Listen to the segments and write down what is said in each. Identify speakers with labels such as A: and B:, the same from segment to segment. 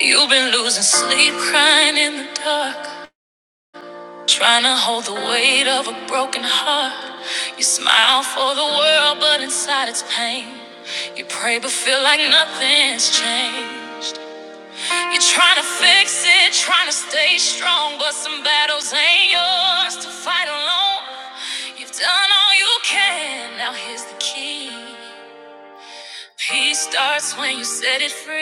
A: You've been losing sleep, crying in the dark, trying to hold the weight of a broken heart. You smile for the world, but inside it's pain. You pray, but feel like nothing's changed. You're trying to fix it, trying to stay strong, but some battles ain't yours to fight alone. You've done all you can, now here's the key. Peace starts when you set it free.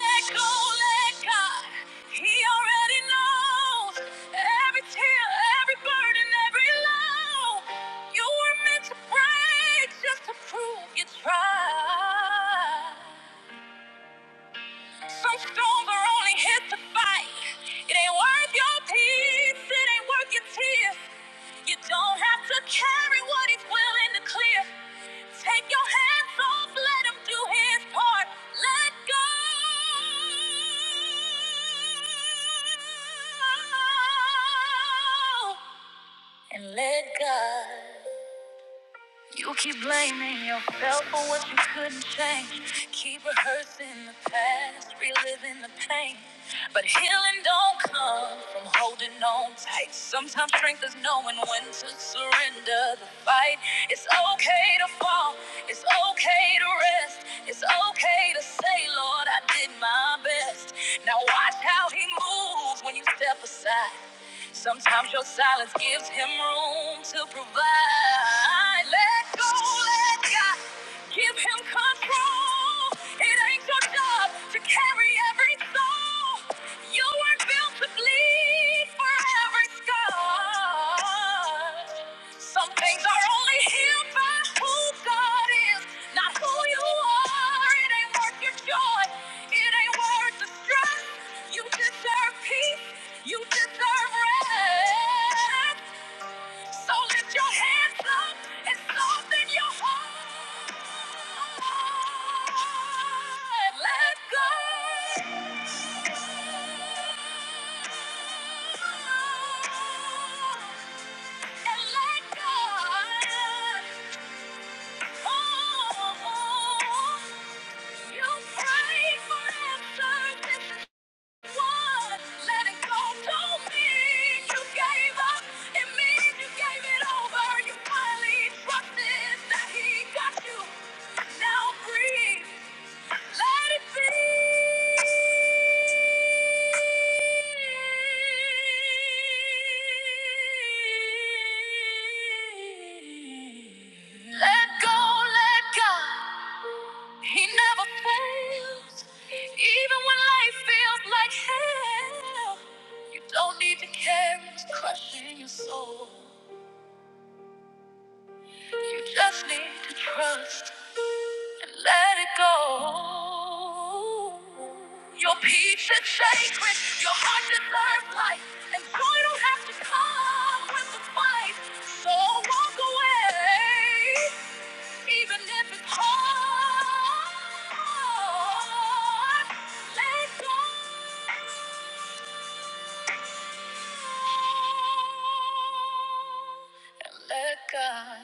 A: Let go, let God. He already knows every tear, every burden, every low. You were meant to break just to prove you tried. Some storms are only here to fight. It ain't worth your peace, it ain't worth your tears. You don't have to carry what he's willing to clear. Take your hands off, let him do his part. Let go. And let God. You keep blaming yourself for what you couldn't change. Keep rehearsing the past, reliving the pain. But healing don't come from holding on tight. Sometimes strength is knowing when to surrender the fight. It's okay to fall, it's okay to rest. It's okay to say, Lord, I did my best. Now watch how He moves moves when you step aside. Sometimes your silence gives him room to provide. Let go, let God give him control. It ain't your job to carry every soul. You weren't built to bleed for every scar. Some things are only healed. You deserve rest. So lift your hands up and soften your heart. Let go. And let God. Now breathe. Let it be. Let go, let God. He never fails. Even when life feels like hell, you don't need to care. It's crushing your soul. You just need to trust and let it go. Your peace is sacred. Your heart deserves life, and joy don't have to come with the fight. So walk away, even if it's hard. Let go and let God.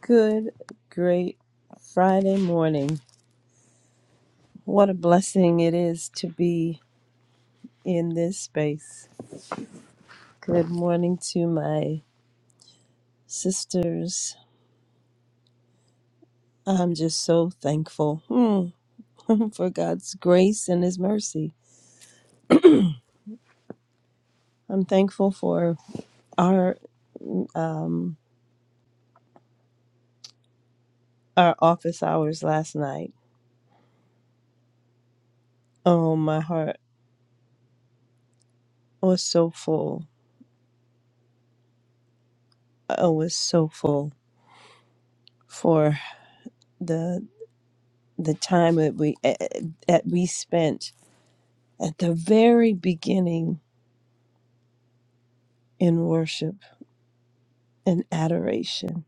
B: Good, great Friday morning. What a blessing it is to be in this space. Good morning to my sisters. I'm just so thankful hmm, for God's grace and His mercy. I'm thankful for our um, our office hours last night. Oh, my heart was so full. I was so full for the the time that we eh, eh, that we spent at the very beginning in worship and adoration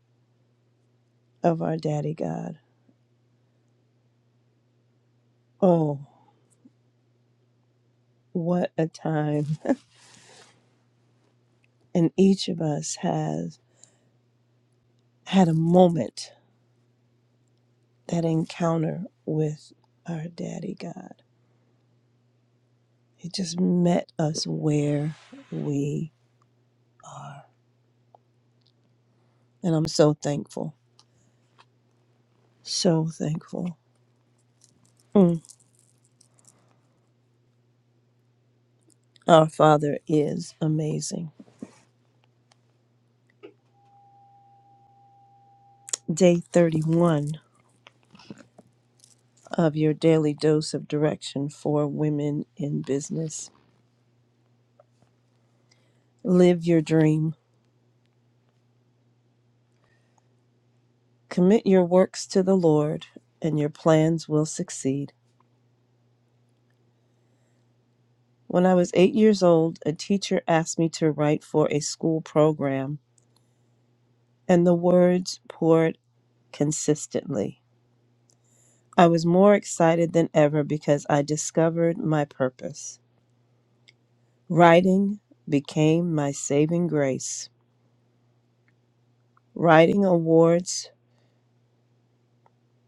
B: of our Daddy God. Oh, what a time. And each of us has had a moment, that encounter with our Daddy God. He just met us where we are. And I'm so thankful, so thankful. Mm. Our Father is amazing. Day 31 of your daily dose of direction for women in business. Live your dream. Commit your works to the Lord, and your plans will succeed. When I was eight years old, a teacher asked me to write for a school program, and the words poured consistently. I was more excited than ever because I discovered my purpose. Writing became my saving grace. Writing awards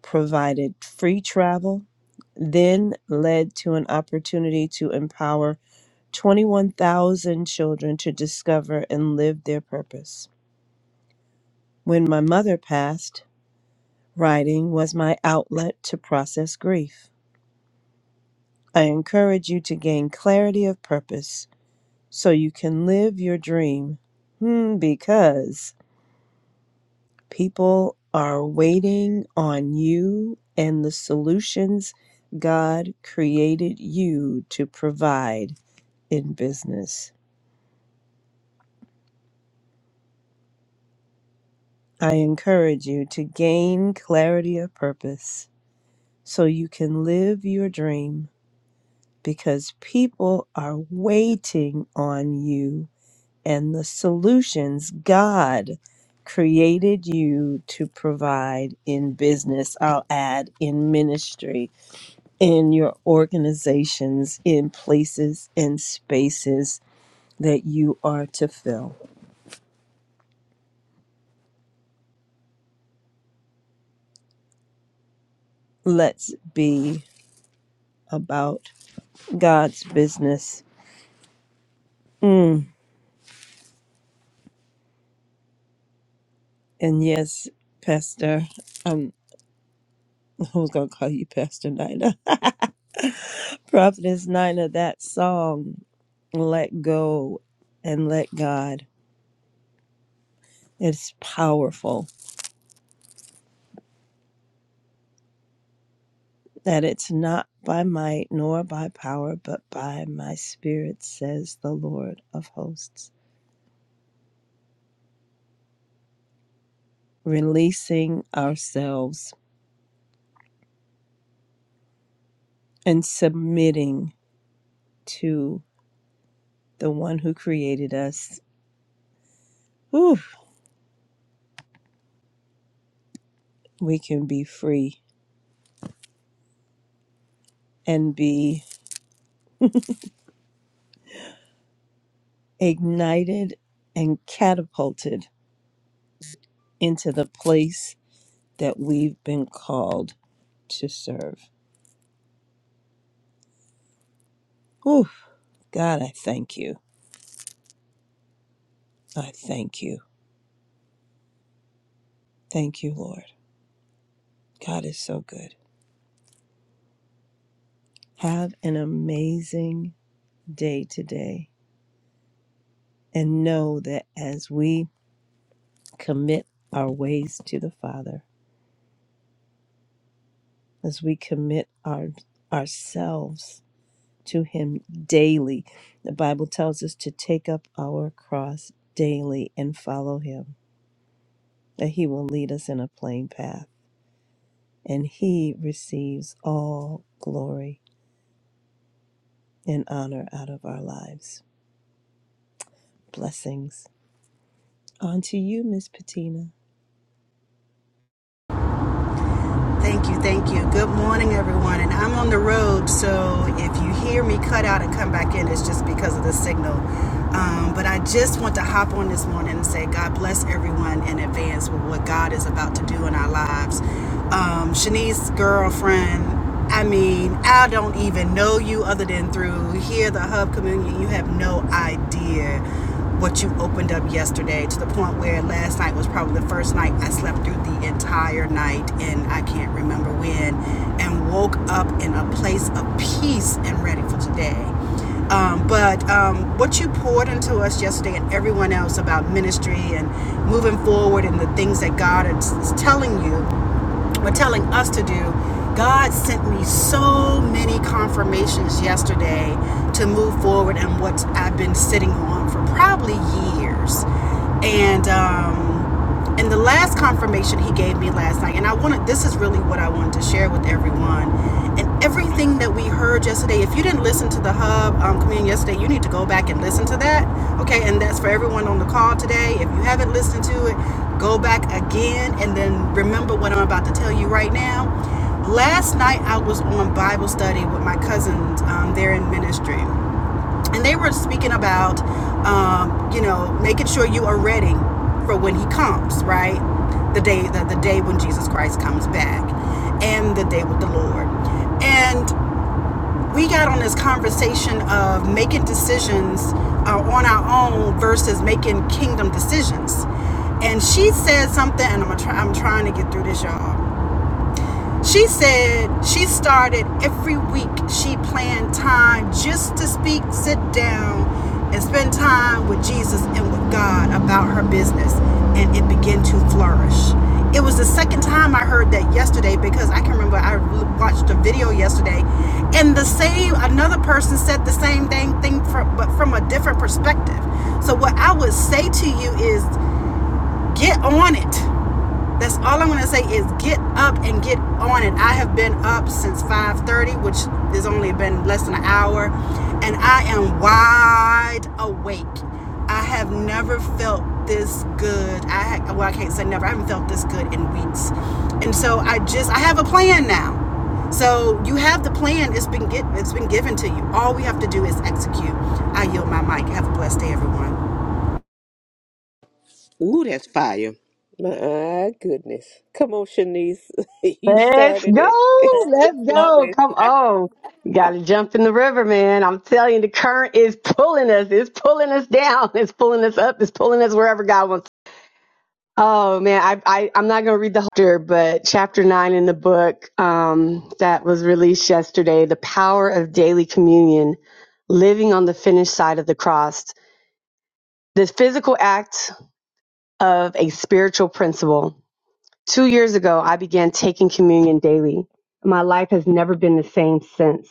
B: provided free travel, then led to an opportunity to empower 21,000 children to discover and live their purpose. When my mother passed, writing was my outlet to process grief. I encourage you to gain clarity of purpose so you can live your dream. Hmm, because people are waiting on you and the solutions God created you to provide in business. I encourage you to gain clarity of purpose so you can live your dream because people are waiting on you and the solutions God created you to provide in business, I'll add in ministry, in your organizations, in places and spaces that you are to fill. Let's be about God's business. Mm. And yes, Pastor. um, I was gonna call you Pastor Nina. Prophetess Nina, that song, Let Go and Let God, it's powerful. That it's not by might nor by power, but by my spirit, says the Lord of hosts. Releasing ourselves and submitting to the one who created us. Whew, we can be free and be ignited and catapulted into the place that we've been called to serve. Oh, God, I thank you. I thank you. Thank you, Lord. God is so good. Have an amazing day today and know that as we commit our ways to the Father, as we commit our ourselves to him daily, the Bible tells us to take up our cross daily and follow him, that he will lead us in a plain path. and He receives all glory and honor out of our lives. Blessings. On to you, Miss Patina.
C: Thank you, thank you. Good morning, everyone. And I'm on the road, so if you hear me cut out and come back in, it's just because of the signal. Um, but I just want to hop on this morning and say, God bless everyone in advance with what God is about to do in our lives. Um, Shanice's girlfriend I mean, I don't even know you other than through here, the Hub community. You have no idea what you opened up yesterday to the point where last night was probably the first night I slept through the entire night and I can't remember when and woke up in a place of peace and ready for today. Um, but um, what you poured into us yesterday and everyone else about ministry and moving forward and the things that God is, is telling you, were telling us to do, God sent me so many confirmations yesterday to move forward and what I've been sitting on for probably years. And um, and the last confirmation He gave me last night, and I wanted this is really what I wanted to share with everyone. And Everything that we heard yesterday, if you didn't listen to the Hub um, communion yesterday, you need to go back and listen to that. Okay, and that's for everyone on the call today. If you haven't listened to it, go back again and then remember what I'm about to tell you right now. Last night I was on Bible study with my cousins. Um, they're in ministry, and they were speaking about, um, you know, making sure you are ready for when He comes, right? The day, the, the day when Jesus Christ comes back, and the day with the Lord. And we got on this conversation of making decisions uh, on our own versus making kingdom decisions. And she said something, and I'm, try, I'm trying to get through this, y'all. She said she started every week, she planned time just to speak, sit down, and spend time with Jesus and with God about her business, and it began to flourish. It was the second time I heard that yesterday because I can remember I watched a video yesterday, and the same another person said the same thing, thing from, but from a different perspective. So what I would say to you is get on it that's all I'm gonna say is get up and get on it. I have been up since 5:30, which has only been less than an hour, and I am wide awake. I have never felt this good. I well, I can't say never. I haven't felt this good in weeks, and so I just I have a plan now. So you have the plan. It's been get, it's been given to you. All we have to do is execute. I yield my mic. Have a blessed day, everyone.
D: Let's go. Let's go.
A: Flow.
D: Come on. You got to jump in the river, man. I'm telling you, the current is pulling us. It's pulling us down. It's pulling us up. It's pulling us wherever God wants. Oh man, I, I I'm not gonna read the whole chapter, but chapter nine in the book um, that was released yesterday, the power of daily communion, living on the finished side of the cross, the physical act of a spiritual principle. Two years ago, I began taking communion daily. My life has never been the same since.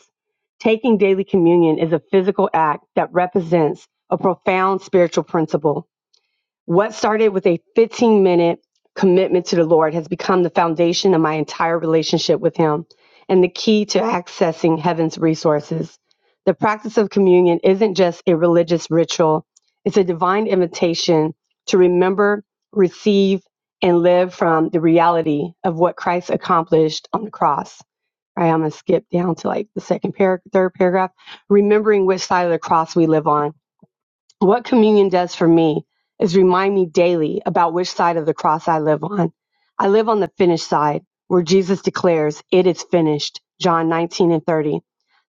D: Taking daily communion is a physical act that represents a profound spiritual principle. What started with a 15 minute commitment to the Lord has become the foundation of my entire relationship with Him and the key to accessing heaven's resources. The practice of communion isn't just a religious ritual, it's a divine invitation to remember, receive, and live from the reality of what Christ accomplished on the cross. All right, I'm going to skip down to like the second paragraph, third paragraph, remembering which side of the cross we live on. What communion does for me is remind me daily about which side of the cross I live on. I live on the finished side, where Jesus declares, It is finished, John 19 and 30.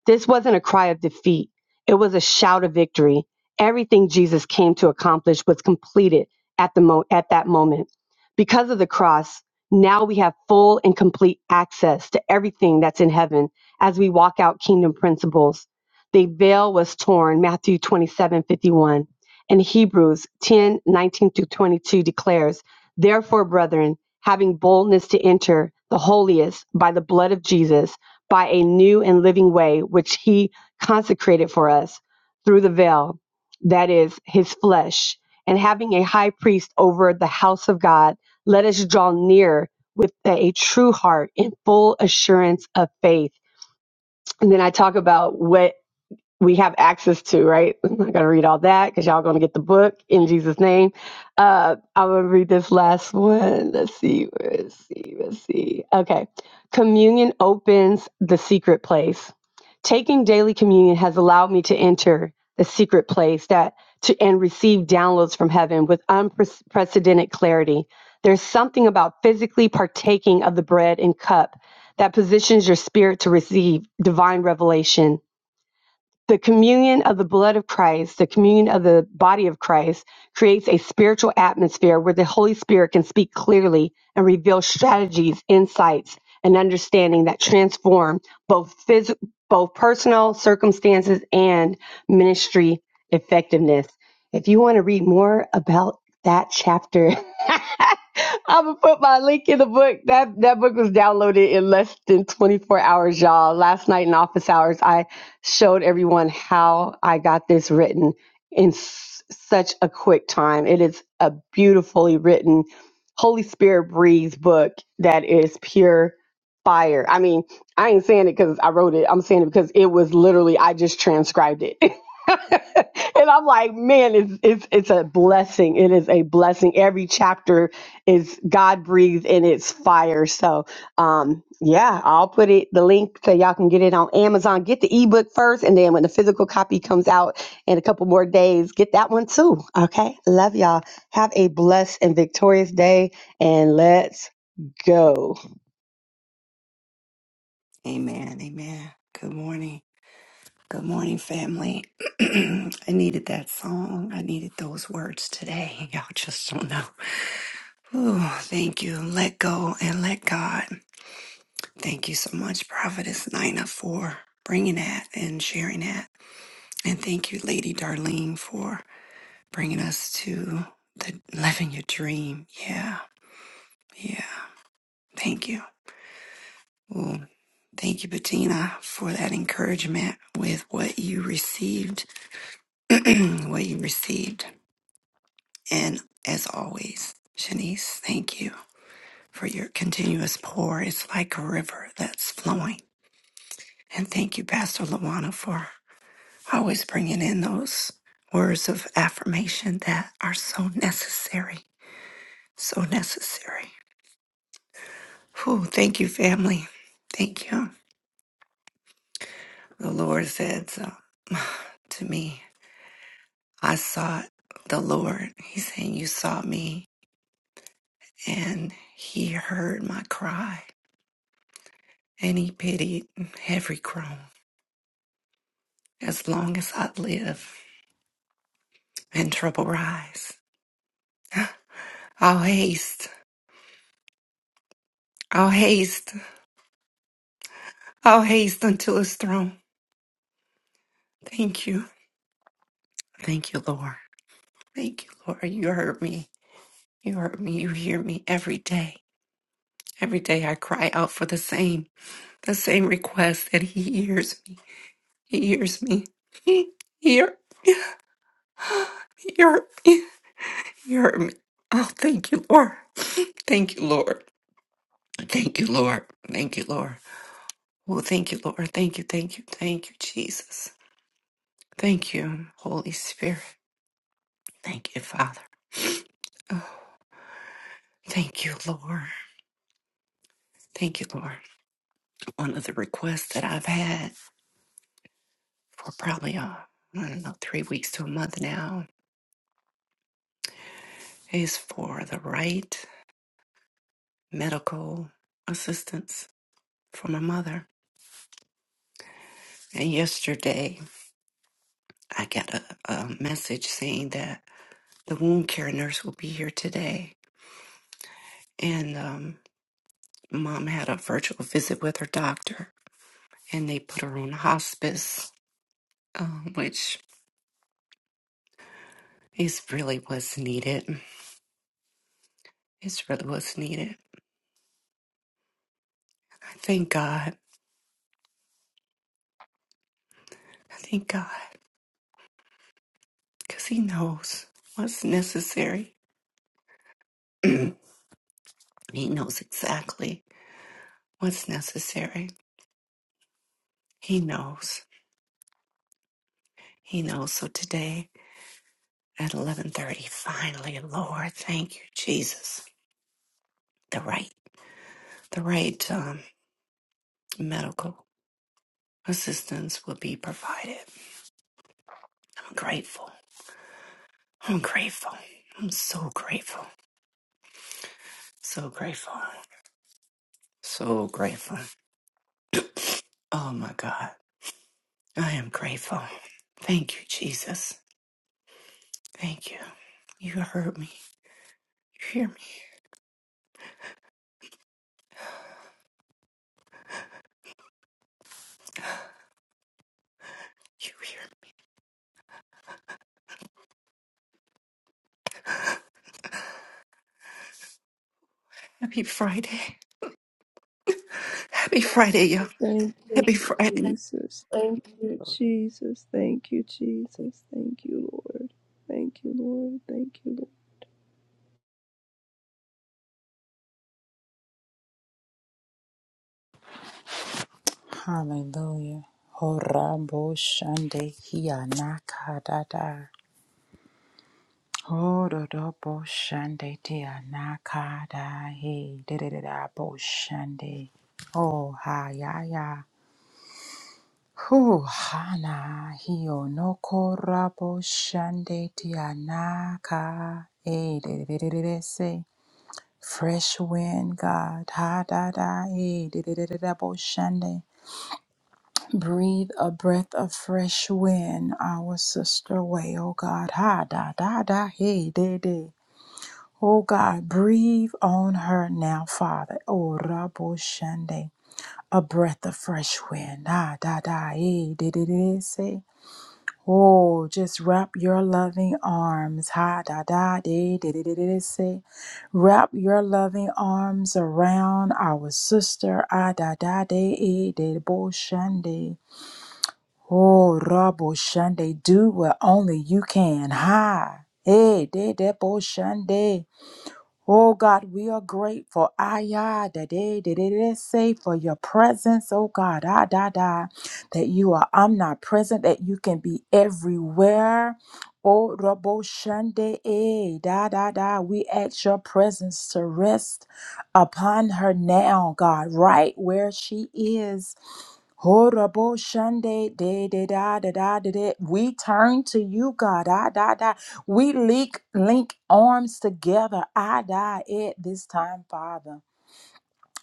D: This wasn't a cry of defeat, it was a shout of victory. Everything Jesus came to accomplish was completed at, the mo- at that moment. Because of the cross, now we have full and complete access to everything that's in heaven as we walk out kingdom principles the veil was torn matthew 27 51, and hebrews 10 19 through 22 declares therefore brethren having boldness to enter the holiest by the blood of jesus by a new and living way which he consecrated for us through the veil that is his flesh and having a high priest over the house of god let us draw near with a true heart in full assurance of faith and then i talk about what we have access to, right? I'm not going to read all that because y'all going to get the book in Jesus' name. Uh, I'm going to read this last one. Let's see. Let's see. Let's see. Okay. Communion opens the secret place. Taking daily communion has allowed me to enter the secret place that to and receive downloads from heaven with unprecedented clarity. There's something about physically partaking of the bread and cup that positions your spirit to receive divine revelation the communion of the blood of Christ, the communion of the body of Christ, creates a spiritual atmosphere where the Holy Spirit can speak clearly and reveal strategies, insights, and understanding that transform both phys- both personal circumstances and ministry effectiveness. If you want to read more about that chapter I'm gonna put my link in the book. That that book was downloaded in less than 24 hours, y'all. Last night in office hours, I showed everyone how I got this written in s- such a quick time. It is a beautifully written, Holy Spirit breathed book that is pure fire. I mean, I ain't saying it because I wrote it. I'm saying it because it was literally I just transcribed it. and I'm like, man, it's it's it's a blessing. It is a blessing. Every chapter is God breathed and it's fire. So um yeah, I'll put it the link so y'all can get it on Amazon. Get the ebook first and then when the physical copy comes out in a couple more days, get that one too. Okay. Love y'all. Have a blessed and victorious day and let's go.
E: Amen. Amen. Good morning. Good morning, family. I needed that song. I needed those words today. Y'all just don't know. Ooh, thank you. Let go and let God. Thank you so much, Prophetess Nina, for bringing that and sharing that. And thank you, Lady Darlene, for bringing us to the living your dream. Yeah. Yeah. Thank you. Ooh, thank you, Bettina, for that encouragement with what you received what you received. And as always, Shanice, thank you for your continuous pour. It's like a river that's flowing. And thank you, Pastor Lawana, for always bringing in those words of affirmation that are so necessary. So necessary. Whew, thank you, family. Thank you. The Lord said so to me, I sought the Lord. He's saying, You sought me, and He heard my cry and he pitied every crone as long as I live and trouble rise. I'll haste, I'll haste, I'll haste unto his throne. Thank you, thank you, Lord. Thank you, Lord. You heard me. You heard me. You hear me every day. Every day I cry out for the same, the same request that he hears me. He hears me. He hear, he heard me. He heard me. Oh, thank you, Lord. Thank you, Lord. Thank you, Lord. Thank you, Lord. Well, thank you, Lord. Thank you, thank you, thank you, Jesus. Thank you, Holy Spirit. Thank you, Father. Oh, thank you, Lord. Thank you, Lord. One of the requests that I've had for probably, uh, I don't know, three weeks to a month now is for the right medical assistance for my mother. And yesterday, I got a, a message saying that the wound care nurse will be here today. And um, mom had a virtual visit with her doctor and they put her on hospice, um, which is really was needed. It's really was needed. I thank God. I thank God because He knows what's necessary. he knows exactly what's necessary. He knows. He knows. So today at eleven thirty, finally, Lord, thank you, Jesus. The right, the right um, medical assistance will be provided. I'm grateful. I'm grateful. I'm so grateful. So grateful. So grateful. Oh my God. I am grateful. Thank you, Jesus. Thank you. You heard me. You hear me. You hear me. Happy Friday. Happy Friday, y'all.
B: Thank
E: Happy Friday.
B: you, Jesus. Thank you, Jesus. Thank you, Jesus. Thank you, Lord. Thank you, Lord. Thank you, Lord.
F: Hallelujah. Horabo shande hianakadada. Horodobo shande tianakada he dididabo shande. Oh hayaya. Hu hana hio no korabo shande tianaka. Eh, dididididese. Fresh wind, God. Ha da da. Eh, didididabo shande. Breathe a breath of fresh wind our sister way, oh God. Ha da da da hey de de. Oh God, breathe on her now, Father. Oh Rabo Shande. A breath of fresh wind. Ah da da hey de de de say. Oh, just wrap your loving arms. Ha da da de de de de de say. Wrap your loving arms around our sister. Ah da da de eh, de bo shande. Oh, Rabo Shande, do what only you can. Ha! Hey, de Debo Shande. Oh God, we are grateful. Ayah, da da, da da, da say for your presence. Oh God, ah da da, that you are omnipresent, that you can be everywhere. Oh Rabo Shande, eh, da da da. We ask your presence to rest upon her now, God, right where she is. Horrible Shande, de de da da da da da. We turn to you, God. Ah, da da. We link, link arms together. I die at this time, Father.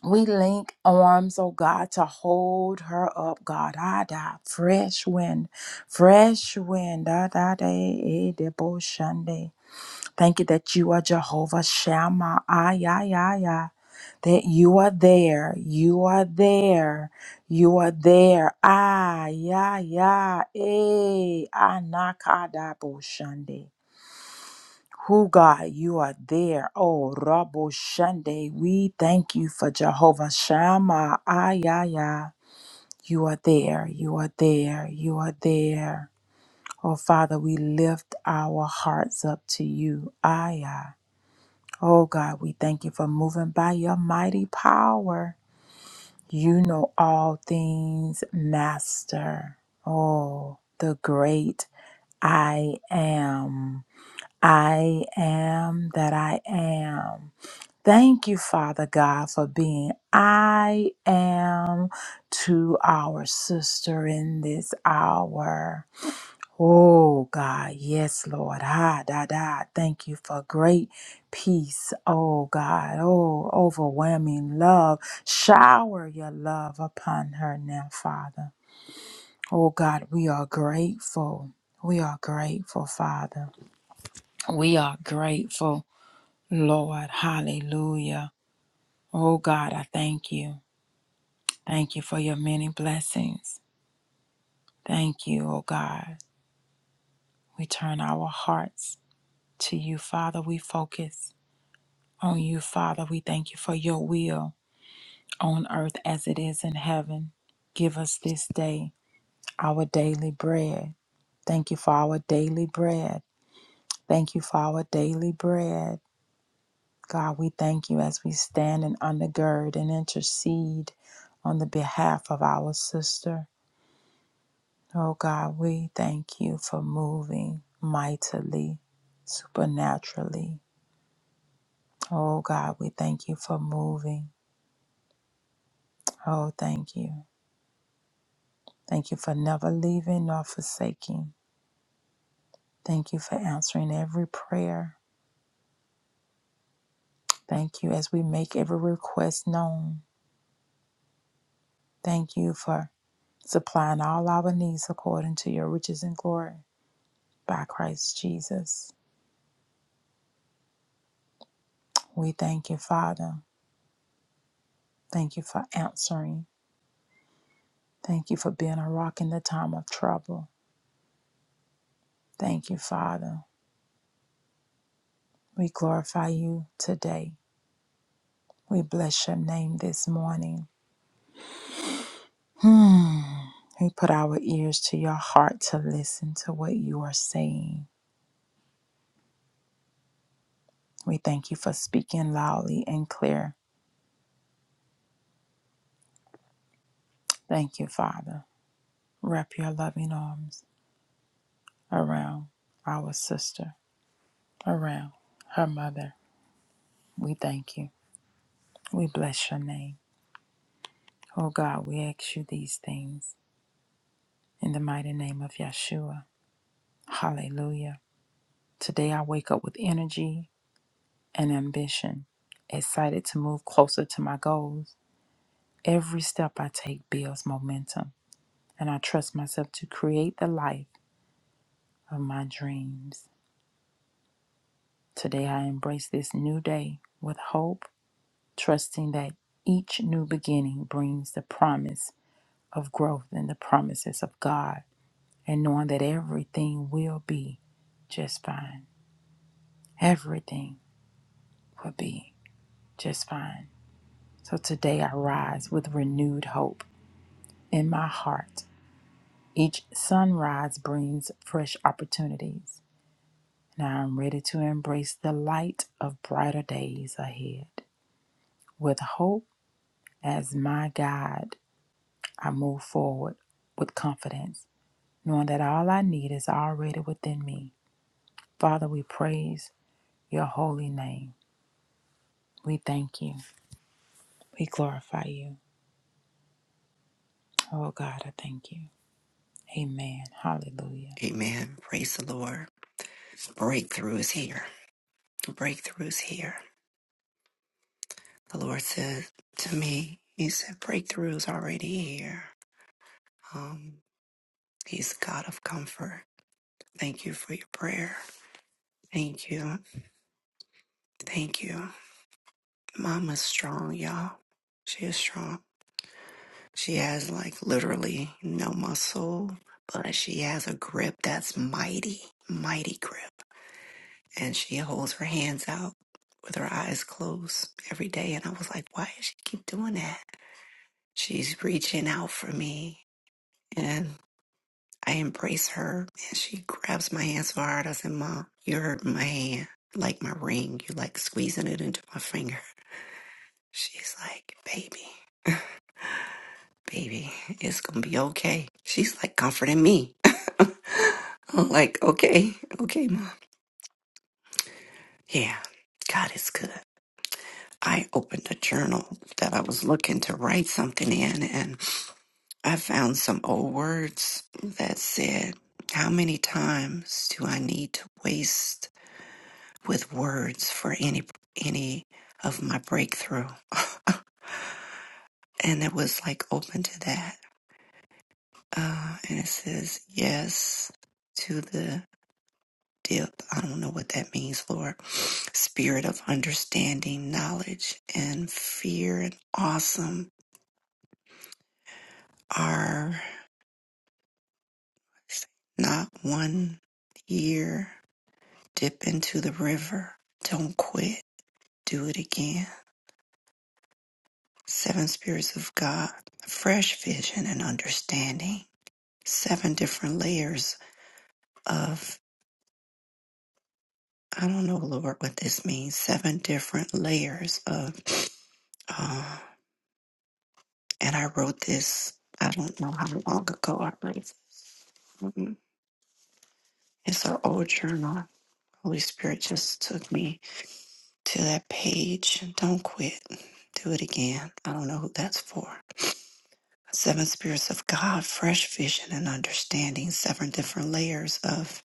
F: We link arms, oh God, to hold her up, God. I die. Fresh wind, fresh wind. Da, da, da, eh, de, bo, shande. Thank you that you are Jehovah Shammah. Ay, ay, ay, ay. That you are there. You are there. You are there. Ay, ay, ay. Eh, anakada, bo, shande. Who God, you are there. Oh, Rabo Shande, we thank you for Jehovah Shammah. Ayaya, you are there. You are there. You are there. Oh, Father, we lift our hearts up to you. Ayah. Oh, God, we thank you for moving by your mighty power. You know all things, Master. Oh, the great I am. I am that I am. Thank you, Father God, for being I am to our sister in this hour. Oh God, yes, Lord. Ha da da. Thank you for great peace. Oh God. Oh, overwhelming love. Shower your love upon her now, Father. Oh God, we are grateful. We are grateful, Father. We are grateful, Lord. Hallelujah. Oh God, I thank you. Thank you for your many blessings. Thank you, O God. We turn our hearts to you, Father. We focus on you, Father. We thank you for your will on earth as it is in heaven. Give us this day our daily bread. Thank you for our daily bread. Thank you for our daily bread. God, we thank you as we stand and undergird and intercede on the behalf of our sister. Oh God, we thank you for moving mightily, supernaturally. Oh God, we thank you for moving. Oh, thank you. Thank you for never leaving nor forsaking. Thank you for answering every prayer. Thank you as we make every request known. Thank you for supplying all our needs according to your riches and glory by Christ Jesus. We thank you, Father. Thank you for answering. Thank you for being a rock in the time of trouble. Thank you, Father. We glorify you today. We bless your name this morning. Hmm. We put our ears to your heart to listen to what you are saying. We thank you for speaking loudly and clear. Thank you, Father. Wrap your loving arms around our sister, around her mother. We thank you. We bless your name. Oh God, we ask you these things in the mighty name of Yeshua. Hallelujah. Today I wake up with energy and ambition, excited to move closer to my goals. Every step I take builds momentum, and I trust myself to create the life of my dreams. Today I embrace this new day with hope, trusting that each new beginning brings the promise of growth and the promises of God, and knowing that everything will be just fine. Everything will be just fine. So today I rise with renewed hope in my heart. Each sunrise brings fresh opportunities, and I am ready to embrace the light of brighter days ahead. With hope as my guide, I move forward with confidence, knowing that all I need is already within me. Father, we praise your holy name. We thank you. We glorify you. Oh God, I thank you. Amen. Hallelujah.
E: Amen. Praise the Lord. Breakthrough is here. Breakthrough is here. The Lord said to me, He said, breakthrough is already here. Um, He's God of comfort. Thank you for your prayer. Thank you. Thank you. Mama's strong, y'all. She is strong. She has like literally no muscle, but she has a grip that's mighty, mighty grip. And she holds her hands out with her eyes closed every day. And I was like, why does she keep doing that? She's reaching out for me. And I embrace her and she grabs my hand so hard. I said, Mom, you hurt my hand like my ring. You like squeezing it into my finger. She's like, baby. baby, it's gonna be okay. She's like comforting me. I'm like, okay, okay, mom. Yeah, God is good. I opened a journal that I was looking to write something in, and I found some old words that said, How many times do I need to waste with words for any any of my breakthrough? And it was like open to that. Uh, and it says, Yes to the dip. I don't know what that means, Lord. Spirit of understanding, knowledge, and fear and awesome are not one year. Dip into the river. Don't quit. Do it again. Seven spirits of God, fresh vision and understanding. Seven different layers of I don't know, Lord, what this means. Seven different layers of uh, and I wrote this. I don't know how long ago I wrote. it. Um, It's an old journal. Holy Spirit just took me to that page. Don't quit. Do it again. I don't know who that's for. Seven spirits of God, fresh vision and understanding. Seven different layers of.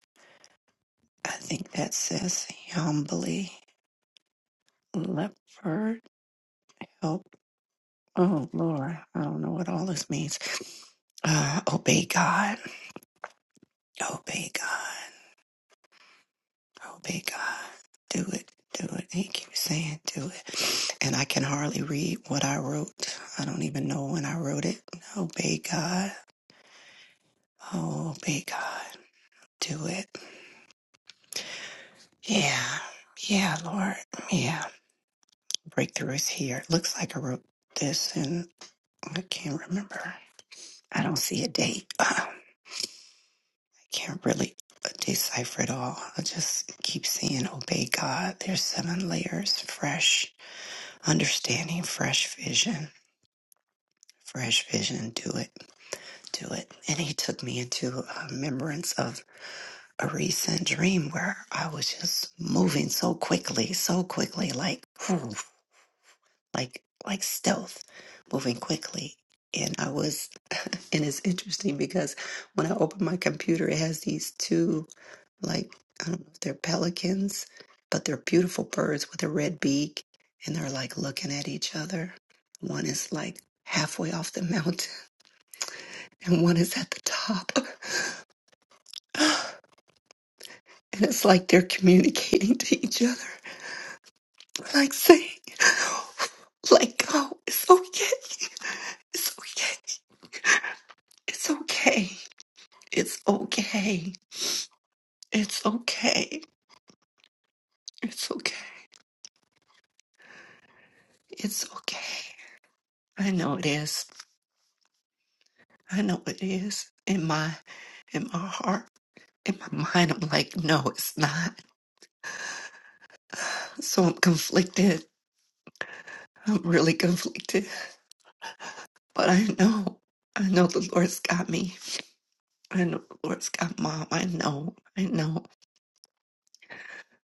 E: I think that says humbly leopard help. Oh Lord, I don't know what all this means. Uh, obey God. Obey God. Obey God. Do it. Do it. And He keeps saying, do it. And I can hardly read what I wrote. I don't even know when I wrote it. Obey God. Obey God. Do it. Yeah. Yeah, Lord. Yeah. Breakthrough is here. Looks like I wrote this and I can't remember. I don't see a date. I can't really decipher it all. I just keep saying, obey God. There's seven layers fresh understanding, fresh vision Fresh vision, do it, do it. And he took me into a remembrance of a recent dream where I was just moving so quickly, so quickly, like, whew, like, like stealth, moving quickly. And I was, and it's interesting because when I open my computer, it has these two, like, I don't know if they're pelicans, but they're beautiful birds with a red beak. And they're like looking at each other. One is like halfway off the mountain and one is at the top. And it's like they're communicating to each other, like saying, let go, it's okay, it's okay, it's okay, it's okay, it's okay, it's okay, it's okay. I know it is. I know it is. In my in my heart, in my mind, I'm like, no, it's not. So I'm conflicted. I'm really conflicted. But I know, I know the Lord's got me. I know Lord's got mom. I know. I know.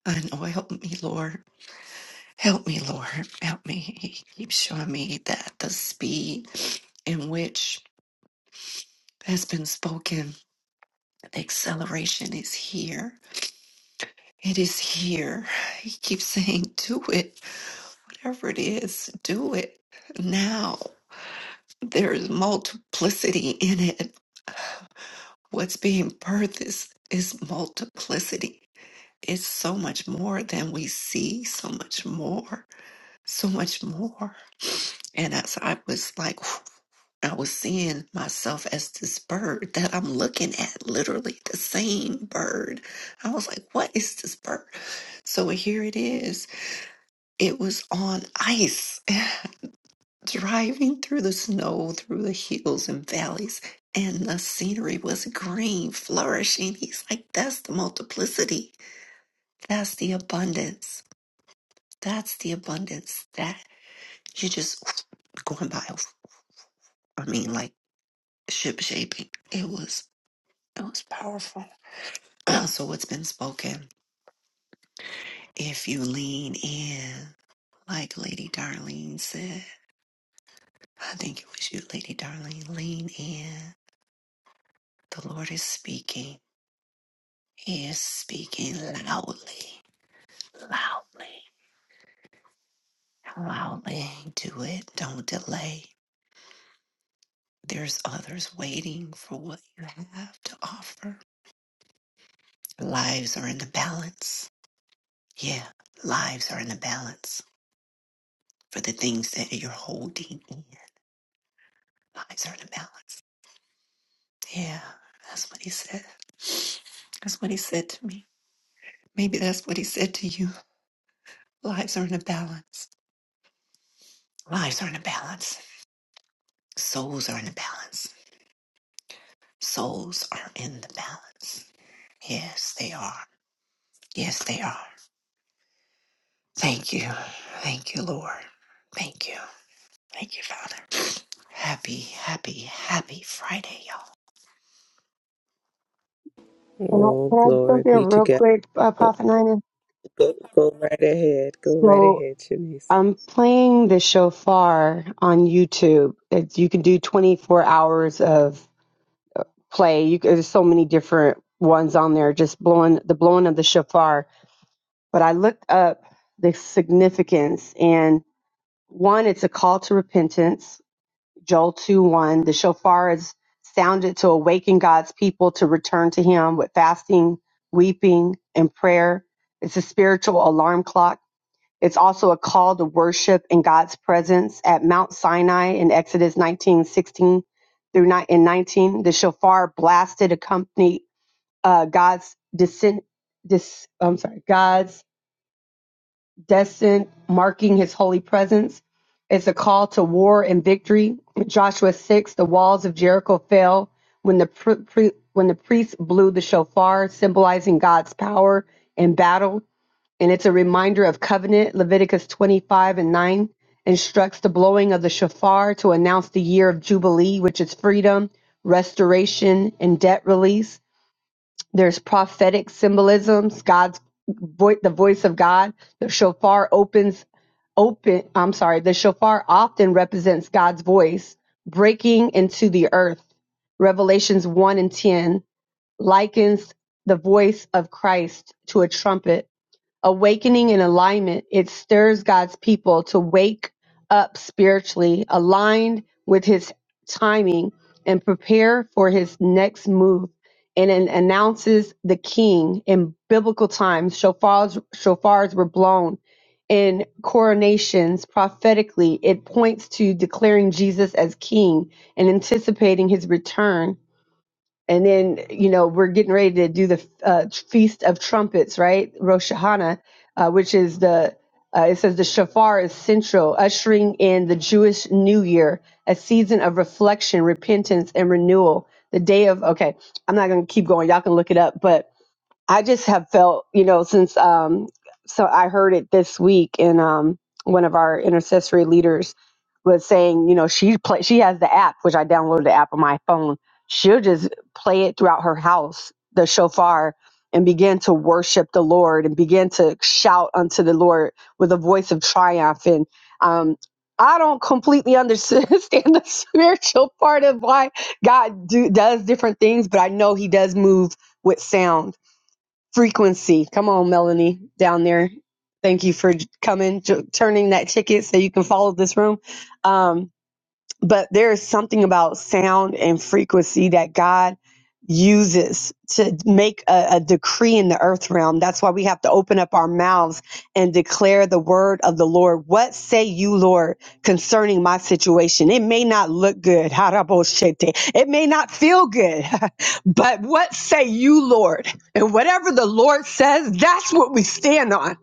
E: I know. Help me, Lord. Help me, Lord. Help me. He keeps showing me that the speed in which has been spoken, the acceleration is here. It is here. He keeps saying, do it. Whatever it is, do it now. There's multiplicity in it. What's being birthed is, is multiplicity. It's so much more than we see, so much more. so much more. And as I was like, I was seeing myself as this bird that I'm looking at, literally the same bird. I was like, what is this bird? So here it is. It was on ice, driving through the snow, through the hills and valleys, and the scenery was green, flourishing. He's like, that's the multiplicity. That's the abundance. That's the abundance that you just going by. I mean, like, ship shaping. It was it was powerful. so what's been spoken? If you lean in, like Lady Darlene said, I think it was you, Lady Darlene. Lean in. The Lord is speaking. He is speaking loudly, loudly, loudly. Do it. Don't delay. There's others waiting for what you have to offer. Lives are in the balance. Yeah, lives are in the balance for the things that you're holding in. Lives are in a balance. Yeah, that's what he said. That's what he said to me. Maybe that's what he said to you. Lives are in a balance. Lives are in a balance. Souls are in a balance. Souls are in the balance. Yes, they are. Yes, they are. Thank you. Thank you, Lord. Thank you. Thank you, Father. Happy, happy, happy Friday,
D: Can I, can I jump in real quick, uh, Prophet Nina? So I'm playing the shofar on YouTube. It's, you can do 24 hours of play. You, there's so many different ones on there, just blowing the blowing of the shofar. But I looked up the significance, and one, it's a call to repentance. Joel 2 1. The shofar is sounded to awaken God's people to return to Him with fasting, weeping, and prayer. It's a spiritual alarm clock. It's also a call to worship in God's presence at Mount Sinai in Exodus nineteen sixteen through ni- in 19. The shofar blasted accompanied uh, God's descent, dis, I'm sorry, God's descent, marking His holy presence. It's a call to war and victory. Joshua six, the walls of Jericho fell when the pr- pre- when the priests blew the shofar, symbolizing God's power in battle. And it's a reminder of covenant. Leviticus twenty five and nine instructs the blowing of the shofar to announce the year of jubilee, which is freedom, restoration, and debt release. There's prophetic symbolisms, God's voice, the voice of God. The shofar opens open, I'm sorry, the shofar often represents God's voice breaking into the earth. Revelations 1 and 10 likens the voice of Christ to a trumpet Awakening and alignment, it stirs God's people to wake up spiritually, aligned with his timing, and prepare for his next move. And it announces the king in biblical times. Shofars, shofars were blown in coronations prophetically. It points to declaring Jesus as king and anticipating his return and then you know we're getting ready to do the uh, feast of trumpets right rosh hashanah uh, which is the uh, it says the shofar is central ushering in the jewish new year a season of reflection repentance and renewal the day of okay i'm not going to keep going y'all can look it up but I just have felt, you know, since um so I heard it this week and um one of our intercessory leaders was saying, you know, she play she has the app, which I downloaded the app on my phone. She'll just play it throughout her house, the shofar, and begin to worship the Lord and begin to shout unto the Lord with a voice of triumph. And um I don't completely understand the spiritual part of why God do, does different things, but I know He does move with sound frequency. Come on, Melanie, down there. Thank you for coming, j- turning that ticket so you can follow this room. Um, but there is something about sound and frequency that God uses to make a, a decree in the earth realm. That's why we have to open up our mouths and declare the word of the Lord. What say you, Lord, concerning my situation? It may not look good. Haraboshete. It may not feel good, but what say you, Lord? And whatever the Lord says, that's what we stand on.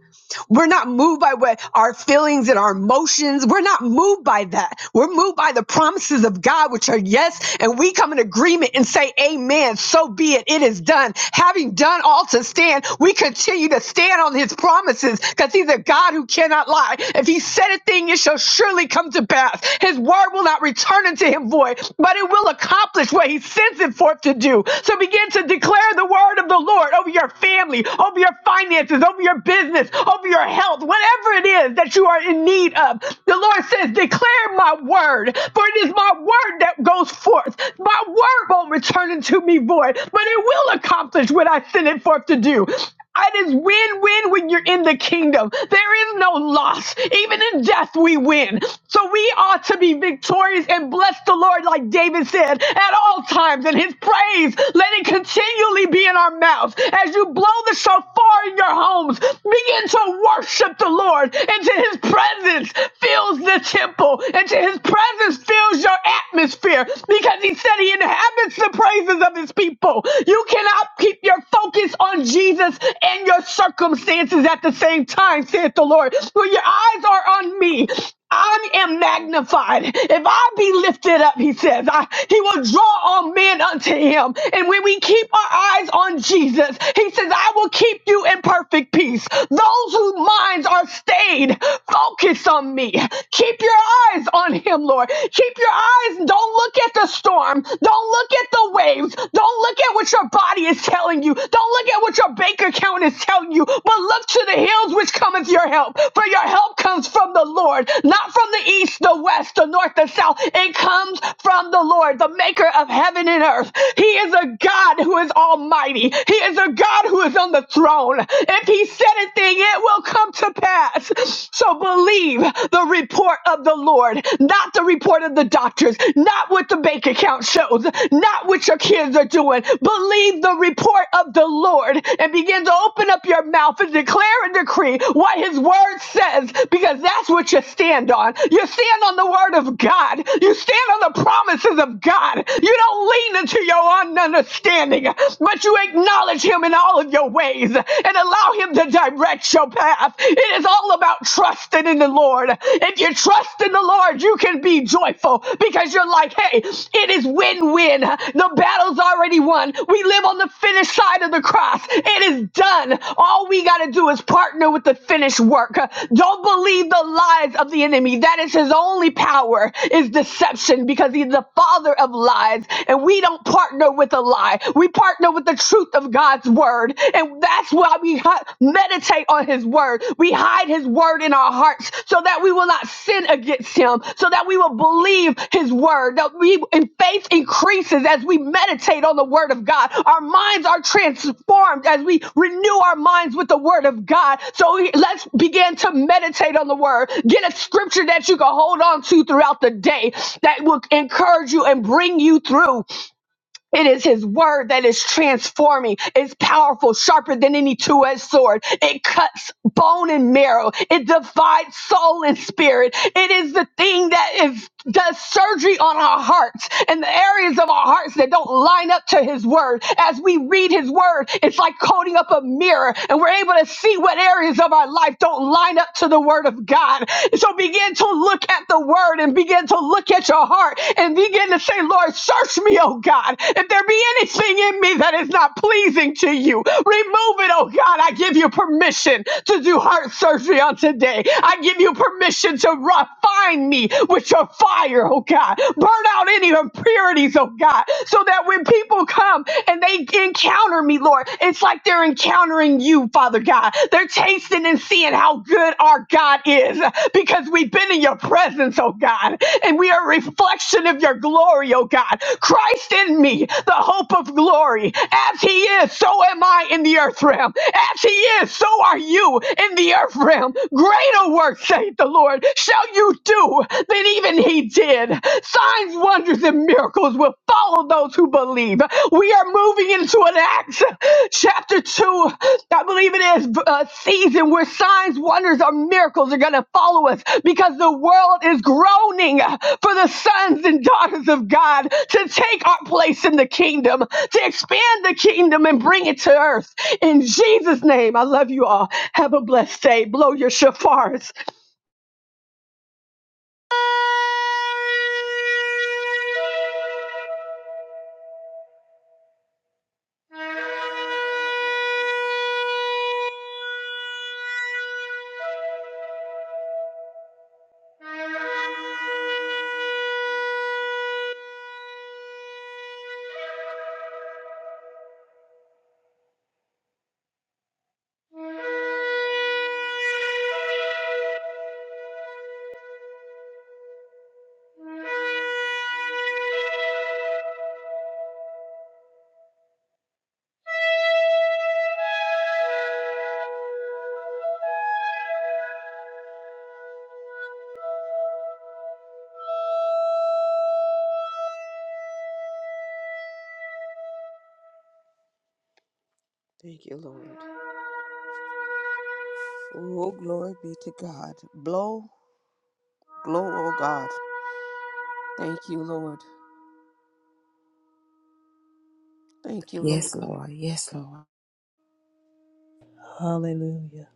D: We're not moved by what our feelings and our emotions. We're not moved by that. We're moved by the promises of God, which are yes. And we come in agreement and say, Amen. So be it. It is done. Having done all to stand, we continue to stand on his promises because he's a God who cannot lie. If he said a thing, it shall surely come to pass. His word will not return unto him void, but it will accomplish what he sends it forth to do do. So begin to declare the word of the Lord over your family, over your finances, over your business, over your health, whatever it is that you are in need of. The Lord says, Declare my word, for it is my word that goes forth. My word won't return unto me void, but it will accomplish what I sent it forth to do. It is win win when you're in the kingdom. There is no loss. Even in death, we win. So we ought to be victorious and bless the Lord said, at all times, and his praise let it continually be in our mouths. As you blow the shofar in your homes, begin to worship the Lord until his presence fills the temple, until his presence fills your atmosphere, because he said he inhabits the praises of his people. You cannot keep your focus on Jesus and your circumstances at the same time, saith the Lord. When your eyes are on me, I am magnified. If I be lifted up, he says, I, he will draw all men unto him. And when we keep our eyes on Jesus, he says, I will keep you in perfect peace. Those whose minds are stayed, focus on me. Keep your eyes on him, Lord. Keep your eyes. Don't look at the storm. Don't look at the waves. Don't look at what your body is telling you. Don't look at what your bank account is is telling you, but look to the hills which cometh your help. For your help comes from the Lord, not from the east, the west, the north, the south. It comes from the Lord, the maker of heaven and earth. He is a God who is almighty. He is a God who is on the throne. If he said a thing, it will come to pass. So believe the report of the Lord, not the report of the doctors, not what the bank account shows, not what your kids are doing. Believe the report of the Lord and begin to open up your mouth and declare and decree what his word says because that's what you stand on. You stand on the word of God. You stand on the promises of God. You don't lean into your own understanding, but you acknowledge him in all of your ways and allow him to direct your path. It is all about trusting in the Lord. If if you trust in the Lord, you can be joyful because you're like, hey, it is win win. The battle's already won. We live on the finished side of the cross. It is done. All we got to do is partner with the finished work. Don't believe the lies of the enemy. That is his only power is deception because he's the father of lies. And we don't partner with a lie. We partner with the truth of God's word. And that's why God, we hi- meditate on his word. We hide his word in our hearts so that we will not sin against him, so that we will believe his word. That we in faith increases as we meditate on the word of God. Our minds are transformed as we renew our minds with the word of God. So we- let's begin to meditate on the word. Get a scripture that you can hold on to throughout the day that will encourage you and bring you through. It is his word that is transforming. It's powerful, sharper than any two-edged sword. It cuts bone and marrow. It divides soul and spirit. It is the thing that is does surgery on our hearts and the areas of our hearts that don't line up to his word. As we read his word, it's like coating up a mirror and we're able to see what areas of our life don't line up to the word of God. So begin to look at the word and begin to look at your heart and begin to say, Lord, search me, oh God. If there be anything in me that is not pleasing to you, remove it, oh God. I give you permission to do heart surgery on today. I give you permission to refine me with your fire fire, oh God. Burn out any impurities, oh God, so that when people come and they encounter me, Lord, it's like they're encountering you, Father God. They're tasting and seeing how good our God is because we've been in your presence, oh God, and we are a reflection of your glory, oh God. Christ in me, the hope of glory. As he is, so am I in the earth realm. As he is, so are you in the earth realm. Greater work, saith the Lord, shall do that even he did. Signs, wonders, and miracles will follow those who believe. We are moving into an Acts chapter 2, I believe it is, uh, season where signs, wonders, or miracles are going to follow us because the world is groaning for the sons and daughters of God to take our place in the kingdom, to expand the kingdom and bring it to earth. In Jesus' name, I love you all. Have a blessed day. Blow your shofars.
A: Thank you.
F: Yes, Lord. Yes, Lord.
B: Hallelujah.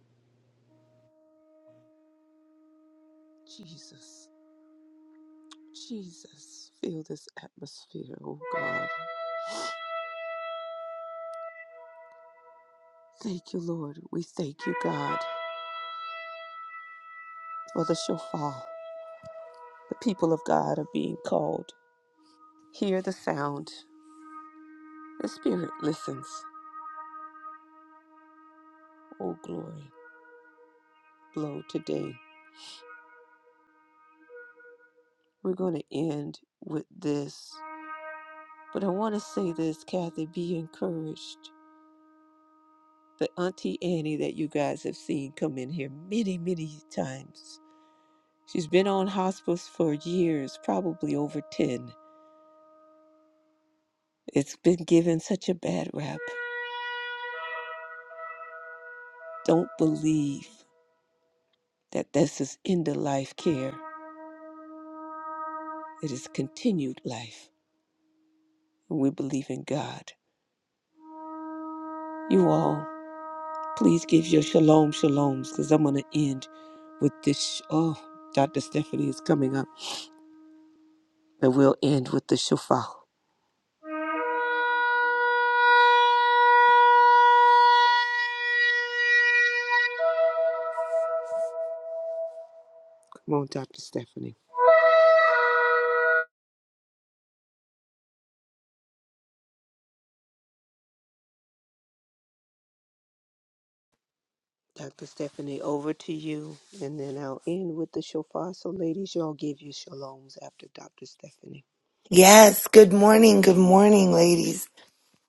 G: Yes, good morning, good morning, ladies.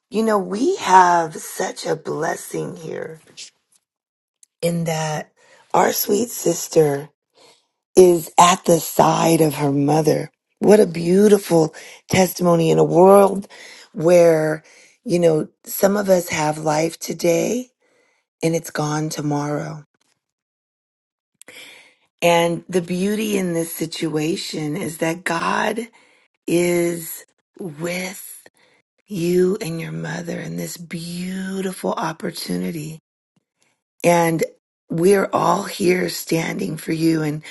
G: You know, we have such a blessing here in that our sweet sister is at the side of her mother. What a beautiful testimony in a world where, you know, some of us have life today and it's gone tomorrow. And the beauty in this situation is that God is with you and your mother and this beautiful opportunity. And we're all here standing for you and,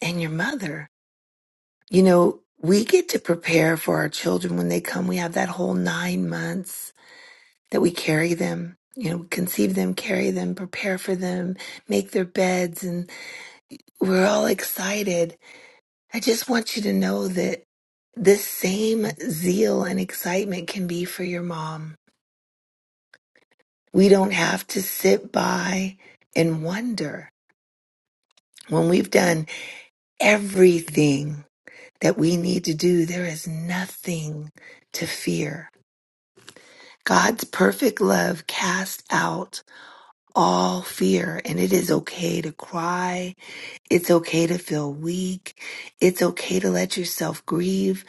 G: and your mother. You know, we get to prepare for our children when they come. We have that whole nine months that we carry them, you know, conceive them, carry them, prepare for them, make their beds. And we're all excited. I just want you to know that this same zeal and excitement can be for your mom We don't have to sit by and wonder. When we've done everything that we need to do, there is nothing to fear. God's perfect love casts out all fear, and it is okay to cry. It's okay to feel weak. It's okay to let yourself grieve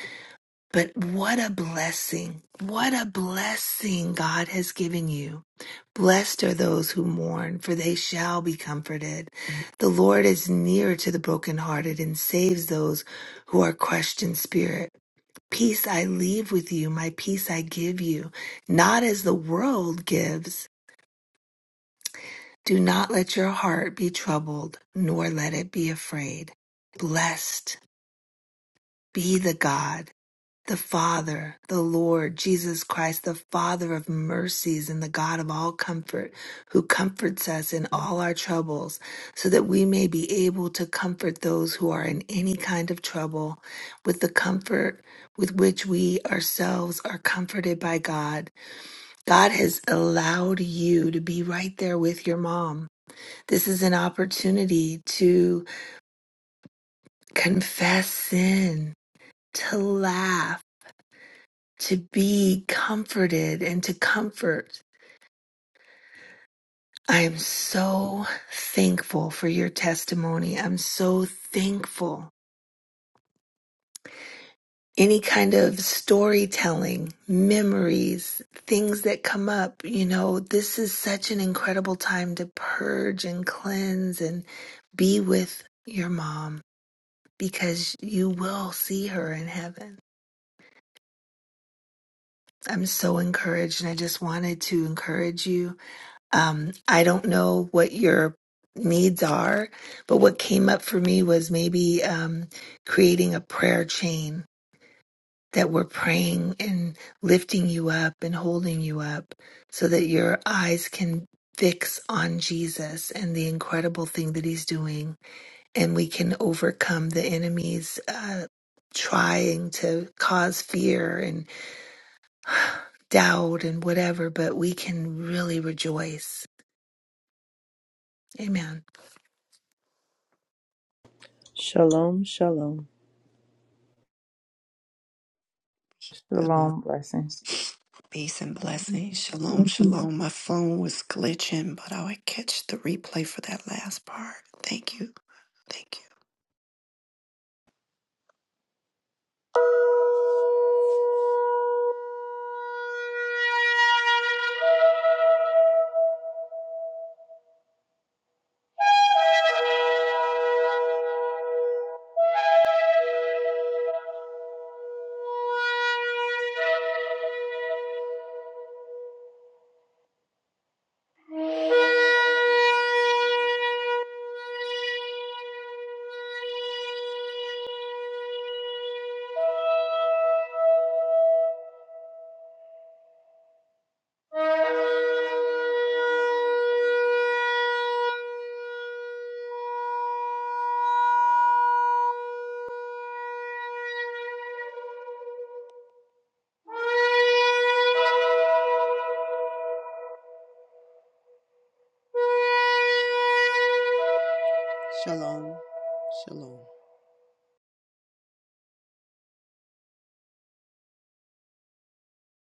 G: But what a blessing. What a blessing God has given you. Blessed are those who mourn, for they shall be comforted. The Lord is near to the brokenhearted and saves those who are crushed in spirit. Peace I leave with you, my peace I give you, not as the world gives. Do not let your heart be troubled, nor let it be afraid. Blessed be the God. The Father, the Lord Jesus Christ, the Father of mercies and the God of all comfort, who comforts us in all our troubles, so that we may be able to comfort those who are in any kind of trouble with the comfort with which we ourselves are comforted by God. God has allowed you to be right there with your mom. This is an opportunity to confess sin, to laugh to be comforted and to comfort. I am so thankful for your testimony. I'm so thankful. Any kind of storytelling, memories, things that come up, you know, this is such an incredible time to purge and cleanse and be with your mom because you will see her in heaven. I'm so encouraged, and I just wanted to encourage you Um, I don't know what your needs are, but what came up for me was maybe um, creating a prayer chain that we're praying and lifting you up and holding you up so that your eyes can fix on Jesus and the incredible thing that he's doing, and we can overcome the enemy's uh, trying to cause fear and doubt and whatever, but we can really rejoice. Amen.
B: Shalom, shalom.
E: y'all.
F: Shalom. Blessings.
E: Peace and blessings. Shalom, shalom. My phone was glitching, but I would catch the replay for that last part. Thank you. Thank you.
A: Thank you. Thank you.